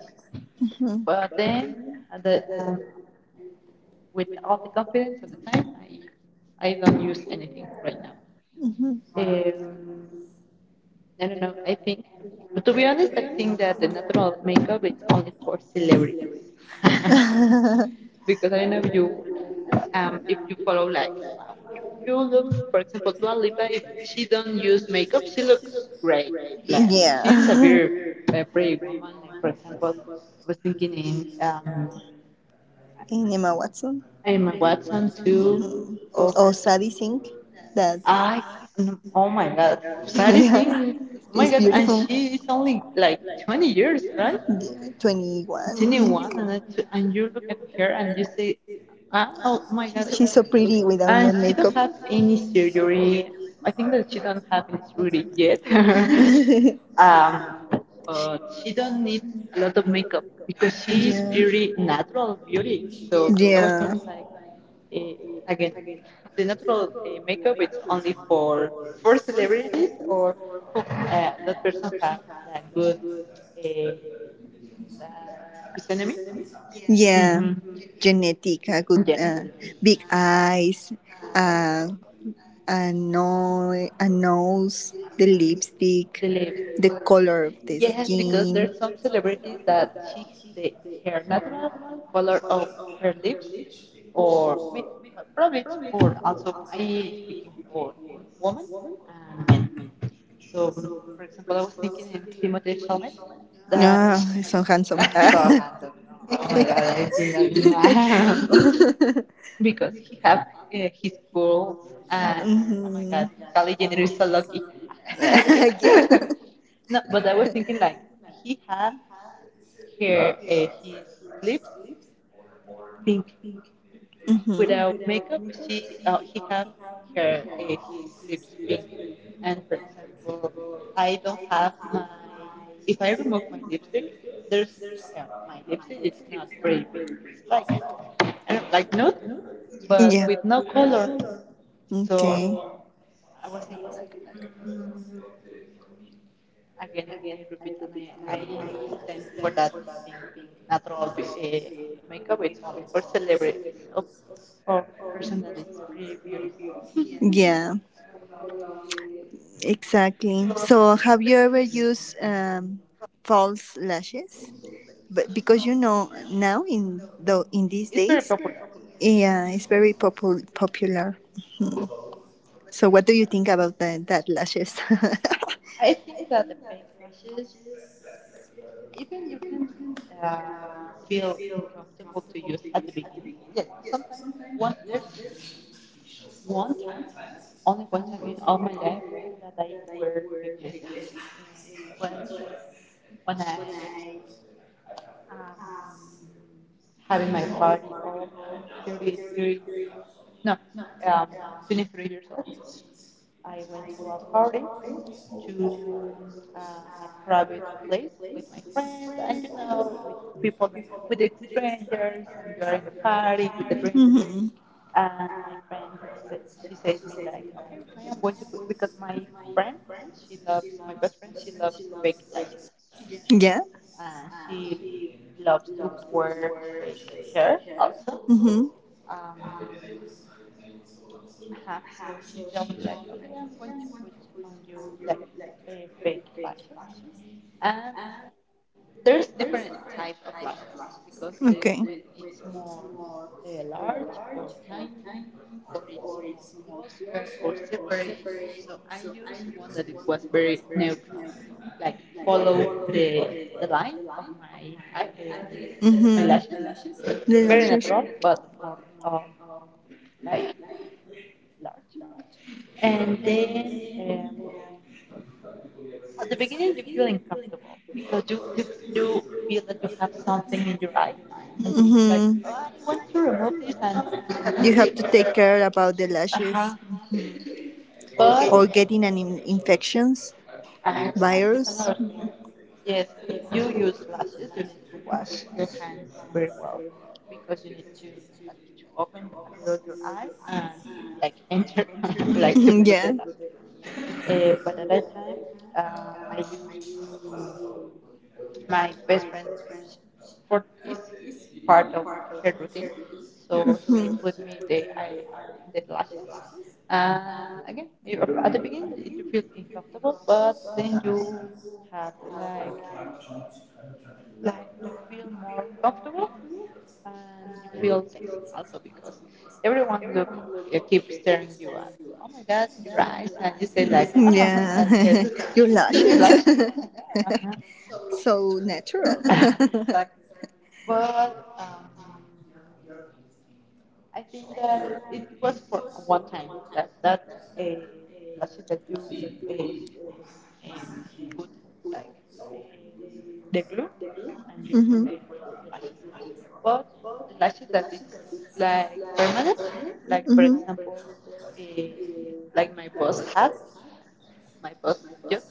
Speaker 2: But then the, um, with all the confidence at the time, I don't use anything right now.
Speaker 1: Hmm.
Speaker 2: Um, I don't know. I think, but to be honest, I think that the natural makeup is only for celebrities. Because I don't know if you follow like you, you look for example Dua Lipa, if she don't use makeup she looks great, like she's a
Speaker 1: Yeah.
Speaker 2: very pretty woman. Like for example I was thinking in
Speaker 1: And Emma Watson.
Speaker 2: Emma Watson too. Oh,
Speaker 1: Or Sadie Sink. That,
Speaker 2: I, oh my God, Sadie
Speaker 1: yeah,
Speaker 2: Sink. Oh my
Speaker 1: it's
Speaker 2: God, and
Speaker 1: beautiful.
Speaker 2: she is only like 20 years, right?
Speaker 1: Yeah, 21.
Speaker 2: 21,
Speaker 1: Mhm.
Speaker 2: and then and you look at her and you say, ah, oh my God.
Speaker 1: She's so pretty without no
Speaker 2: And she don't
Speaker 1: makeup.
Speaker 2: have any surgery. I think that she don't have any surgery yet. um, but she don't need a lot of makeup because she is
Speaker 1: Yeah.
Speaker 2: pretty natural beauty. So I was
Speaker 1: Yeah.
Speaker 2: thinking like, eh, again, the natural makeup it's only for celebrities or who, that person has that good eh, that physiognomy.
Speaker 1: Yeah.
Speaker 2: Mm-hmm.
Speaker 1: Genetic, good,
Speaker 2: Yeah, no, the
Speaker 1: big eyes, uh, a, no- a nose, the lipstick,
Speaker 2: Cele-
Speaker 1: the color of the
Speaker 2: yes, because
Speaker 1: skin.
Speaker 2: there's some celebrities that she the her natural color of her lips or may- probably it's for also I speaking for women and men. So, for example, I was thinking in Timothée Chalamet that
Speaker 1: Ah, he's so handsome.
Speaker 2: so handsome. Oh my god,
Speaker 1: Yeah.
Speaker 2: I do that now. Because he have his goals and oh my
Speaker 1: Mm-hmm.
Speaker 2: god, Kylie Jenner is so lucky.
Speaker 1: Yeah.
Speaker 2: No, but I was thinking like he had her his lips pink
Speaker 1: Mm-hmm.
Speaker 2: without makeup, she he have her his lips pink. And for example, I don't have my if I remove my lipstick, there's yeah, my lipstick. It's not very pink. It's like I don't- like nude, but
Speaker 1: Yeah.
Speaker 2: with no color. So
Speaker 1: Okay.
Speaker 2: I was thinking like again, I repeat, and I stand for that thing. Natural makeup. It's only for celebrities or person that is pretty beauty.
Speaker 1: Yeah. Exactly. So, have you ever used, false lashes? But, because, now in these
Speaker 2: It's very
Speaker 1: days,
Speaker 2: popular.
Speaker 1: yeah, it's very popular. So, what do you think about that lashes?
Speaker 2: I think that the backlashes, even you can uh, feel uncomfortable to use at the beginning. Yes, sometimes one there's one time, only one time in all my life that I wear backlashes. And it was when I um, having my party of 33, no, um, 23 years old. I went to a party to a private place with my friends and you know with people that, with strangers and you are in the party with the drinks
Speaker 1: Mhm.
Speaker 2: and my friend sa- she says me like okay I am going to put because my friend she loves my best friend she loves fake lights
Speaker 1: Yeah.
Speaker 2: and she loves to wear fake hair also,
Speaker 1: Mhm.
Speaker 2: um, uh-huh, so she told me like okay I'm going to put on you like a fake fashion and there's different type of lashes because the,
Speaker 1: Okay.
Speaker 2: when it's more large or tiny or it's more closer or separate. So I used one that it was very neutral like follow the the line of my my lashes,
Speaker 1: The
Speaker 2: very
Speaker 1: lashes.
Speaker 2: natural but more um, like large and then at the beginning you feel uncomfortable because you feel that you have something in your eye and just like
Speaker 1: Mm-hmm.
Speaker 2: oh, I want to remove this and take care
Speaker 1: You
Speaker 2: about
Speaker 1: have
Speaker 2: it.
Speaker 1: to take care about the
Speaker 2: Uh-huh.
Speaker 1: lashes, or
Speaker 2: But
Speaker 1: getting an infections,
Speaker 2: exactly it's
Speaker 1: virus.
Speaker 2: another thing. Yes, if you use lashes, you need to wash your hands very well because you need to like to open a little your eye and like enter like to
Speaker 1: To,
Speaker 2: put
Speaker 1: yeah.
Speaker 2: the lashes. But at that time, I used to my best friend for this part of her routine. So she put me the eye, the lashes, and again, you, at the beginning you feel uncomfortable, but then you have like you feel more comfortable and you feel sexy also because everyone look, keep staring you at. Oh my God, your eyes, and you say
Speaker 1: The
Speaker 2: like,
Speaker 1: same.
Speaker 2: oh my God, yes,
Speaker 1: Yeah. Your lashes.
Speaker 2: lashes.
Speaker 1: So natural.
Speaker 2: Uh but I think that it was for one time that uh, lashes that you uh, um, put like the, the glue and you put the
Speaker 1: Mhm.
Speaker 2: lashes. But the lashes that it's like permanent, like for
Speaker 1: Mhm.
Speaker 2: example, uh, like my boss had, my boss just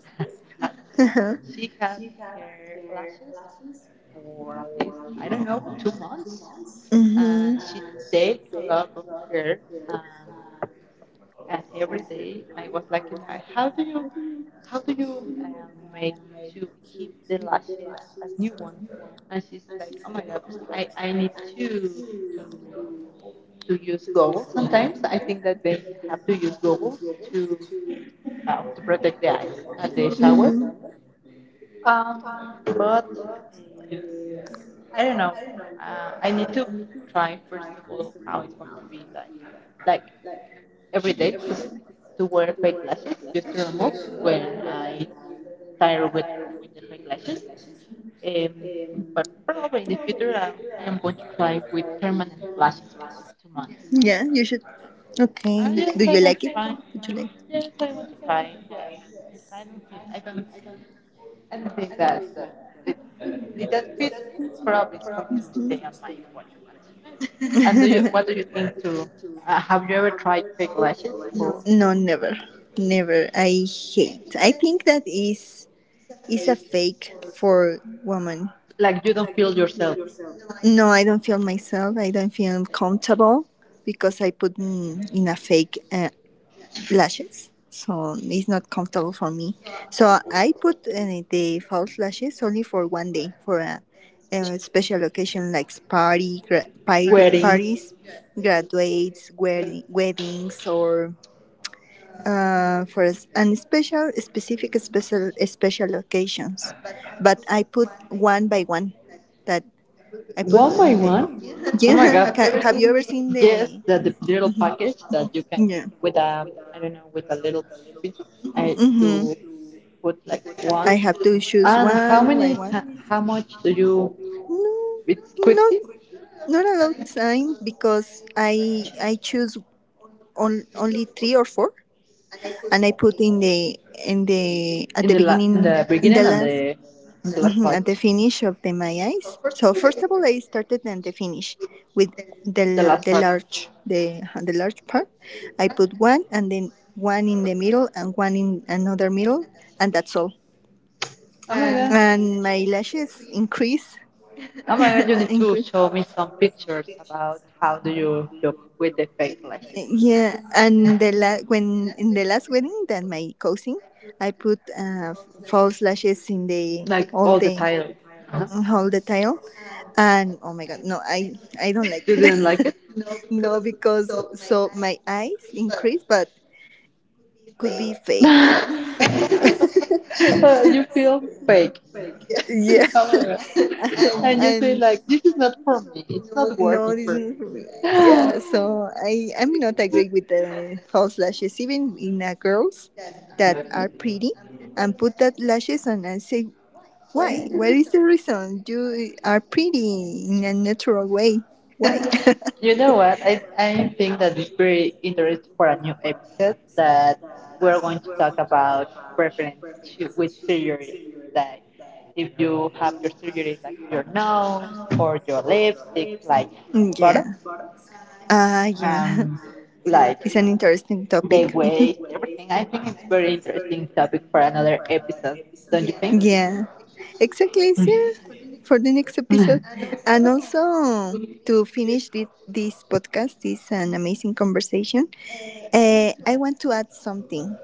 Speaker 1: Uh-huh.
Speaker 2: she had her lashes for at least I don't know 2 months, and
Speaker 1: Mhm.
Speaker 2: she take a lot of care and every day I was like, you know, how do you make to keep the lashes as new one? And she's like, oh my god, pues I need to to to use goggles sometimes. I think that they have to use goggles to to protect the eyes at the shower.
Speaker 1: Mhm.
Speaker 2: Um, but uh, I don't know. I need to try first of all how it's going to be like. Like every day to wear fake lashes just to remove when I tire with the fake lashes. Um, but probably in the future, I am going to try with permanent lashes for 2 months.
Speaker 1: Yeah, you should. Okay.
Speaker 2: Yes,
Speaker 1: Do
Speaker 2: I
Speaker 1: you
Speaker 2: want
Speaker 1: like
Speaker 2: to
Speaker 1: it?
Speaker 2: try.
Speaker 1: Would you
Speaker 2: Yes, I want to try. Yes, yes I don't think I don't I don't think that it, it, that fits me. Probably it's going to stay on my body. But and do you,
Speaker 1: like?
Speaker 2: what do you think? To have you ever tried fake lashes? Or,
Speaker 1: No, never. Never. I hate. I think that is a fake for woman.
Speaker 2: like you don't feel yourself
Speaker 1: No, I don't feel myself. I don't feel comfortable because I put, in a fake lashes, so it's not comfortable for me. So I put, the false lashes only for one day, for a special occasion, like party party
Speaker 2: weddings,
Speaker 1: parties, graduates wedding, weddings, or and special specific special occasions. But I put one by one. That I put,
Speaker 2: one by one. Oh my
Speaker 1: yeah.
Speaker 2: God.
Speaker 1: Have you ever seen
Speaker 2: Yes,
Speaker 1: the,
Speaker 2: the little
Speaker 1: mhm,
Speaker 2: package that you can
Speaker 1: yeah.
Speaker 2: with a, I don't know, with a little pieces. I
Speaker 1: Mm-hmm.
Speaker 2: you put like
Speaker 1: I
Speaker 2: one.
Speaker 1: have to choose
Speaker 2: And
Speaker 1: one by one.
Speaker 2: how much do you,
Speaker 1: No,
Speaker 2: it's
Speaker 1: not
Speaker 2: quickly
Speaker 1: not a lot time, because I choose only three or four, and I put in the, at
Speaker 2: in
Speaker 1: the
Speaker 2: in
Speaker 1: beginning,
Speaker 2: the
Speaker 1: in the
Speaker 2: beginning and the
Speaker 1: last,
Speaker 2: in the last
Speaker 1: mhm,
Speaker 2: part
Speaker 1: at the finish of the my eyes. So first of all, I started and the finish with the
Speaker 2: last
Speaker 1: the
Speaker 2: part.
Speaker 1: large the the large part. I put one, and then one in the middle, and one in another middle, and that's all.
Speaker 2: Oh my God.
Speaker 1: And my lashes increase.
Speaker 2: Oh my god, you need to
Speaker 1: Increase.
Speaker 2: show me some pictures about how do you look with the fake lashes.
Speaker 1: Yeah, and the when in the last wedding that my cousin, I put false lashes in the
Speaker 2: Like
Speaker 1: all
Speaker 2: all the
Speaker 1: the
Speaker 2: tile. Huh?
Speaker 1: all the tile, and oh my god, no, I don't like
Speaker 2: You
Speaker 1: it.
Speaker 2: didn't like it?
Speaker 1: No, because so my eyes increase, but could be fake.
Speaker 2: You feel fake.
Speaker 1: Yeah.
Speaker 2: Oh my god. And you say
Speaker 1: And
Speaker 2: like this is not for me. It's not
Speaker 1: no,
Speaker 2: working
Speaker 1: this
Speaker 2: for
Speaker 1: is for me.
Speaker 2: me.
Speaker 1: Yeah. So I I'm not agree with the false lashes, even in, girls that are pretty and put that lashes on, and say why? What is the reason? You are pretty in a natural way. Why?
Speaker 2: You know what? I think that it's very interesting for a new episode that we're going to talk about preference with surgery. Like if you have your surgery like your nose or your lipstick, like
Speaker 1: Yeah.
Speaker 2: buttocks,
Speaker 1: Ah, yeah.
Speaker 2: um, like
Speaker 1: It's an interesting
Speaker 2: the
Speaker 1: topic.
Speaker 2: waist, everything. I think it's very interesting topic for another episode, don't you
Speaker 1: Yeah, exactly.
Speaker 2: think?
Speaker 1: Yeah, for the next episode. And also, to finish this podcast, this an amazing conversation. I want to add something.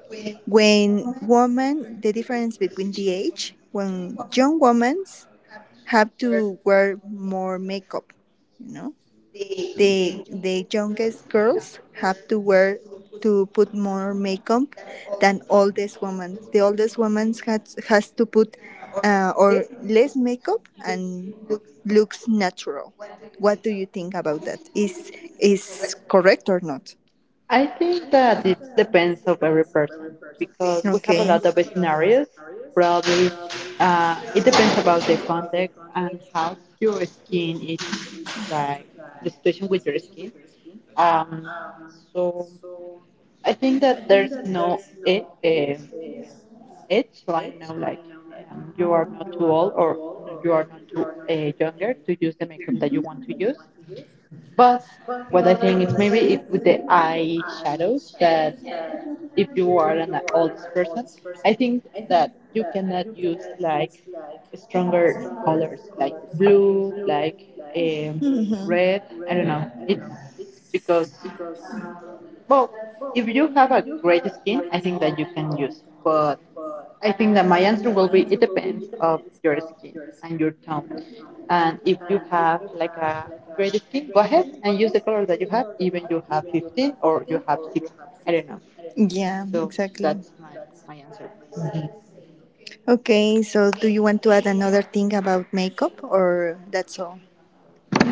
Speaker 1: When women, the difference between the age, when young women have to wear more makeup, you know, the youngest girls have to wear, to put more makeup than oldest woman. The oldest woman has to put, or less makeup and looks natural. What do you think about that? Is correct or not?
Speaker 2: I think that it depends of every person because we have a
Speaker 1: Okay.
Speaker 2: lot of scenarios. Probably it depends about the context and how your skin is like the situation with your skin. Um, so I think that there's no age line now, like, you are not too old or you are not too younger to use the makeup that you want to use. But what I think is maybe with the eye shadows that if you are an oldest person, I think that you cannot use like stronger colors like blue, like, um, red. I don't know. It's because, well, if you have a great skin, I think that you can use. But I think that my answer will be it depends of your skin and your tone. And if you have like a great skin, go ahead and use the color that you have, even you have 15 or you have 60. I don't know.
Speaker 1: Yeah,
Speaker 2: So
Speaker 1: exactly.
Speaker 2: that's my answer. Mhm.
Speaker 1: Okay, so do you want to add another thing about makeup, or that's all?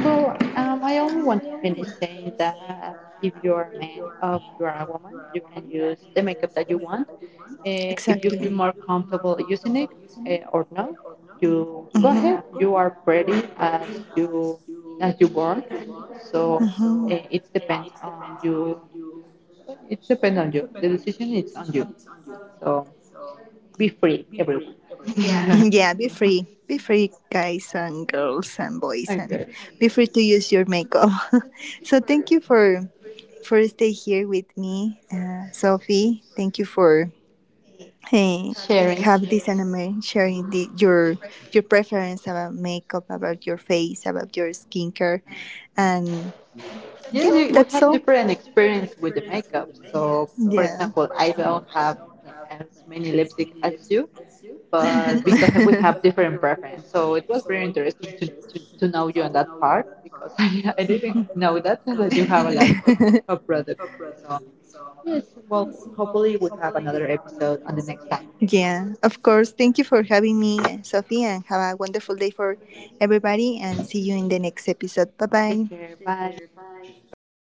Speaker 2: Well, I only want to finish saying that if you're a man or you're a woman, you can use the makeup that you want. If you feel
Speaker 1: Exactly.
Speaker 2: more comfortable using it, or not, you go ahead. You are pretty as you were. So it depends on you. It depends on you. The decision is on you. So be free, everyone.
Speaker 1: Yeah, be free. Be free, guys, and girls, and boys,
Speaker 2: And
Speaker 1: and
Speaker 2: girls.
Speaker 1: be free to use your makeup. So, thank you for day here with me, Sophie. Thank you for, eh,
Speaker 2: Sharing.
Speaker 1: have this anime, sharing the, your preference about makeup, about your face, about your skincare, and yeah,
Speaker 2: Yes, we
Speaker 1: that's.
Speaker 2: have different experience with the makeup. So, for example, I don't have as many
Speaker 1: Have
Speaker 2: lipstick as you,
Speaker 1: you,
Speaker 2: but because we have
Speaker 1: because
Speaker 2: different preference. So it was very interesting to know you on that
Speaker 1: know
Speaker 2: part
Speaker 1: that.
Speaker 2: because I didn't know that so that you have a lot of products. So yes, well, hopefully we have another episode on the next time.
Speaker 1: Yeah, of course. Thank you for having me, Sophie, and have a wonderful day for everybody. And see you in the next episode. Bye
Speaker 2: Take
Speaker 1: bye.
Speaker 2: care. Bye.
Speaker 1: Bye bye.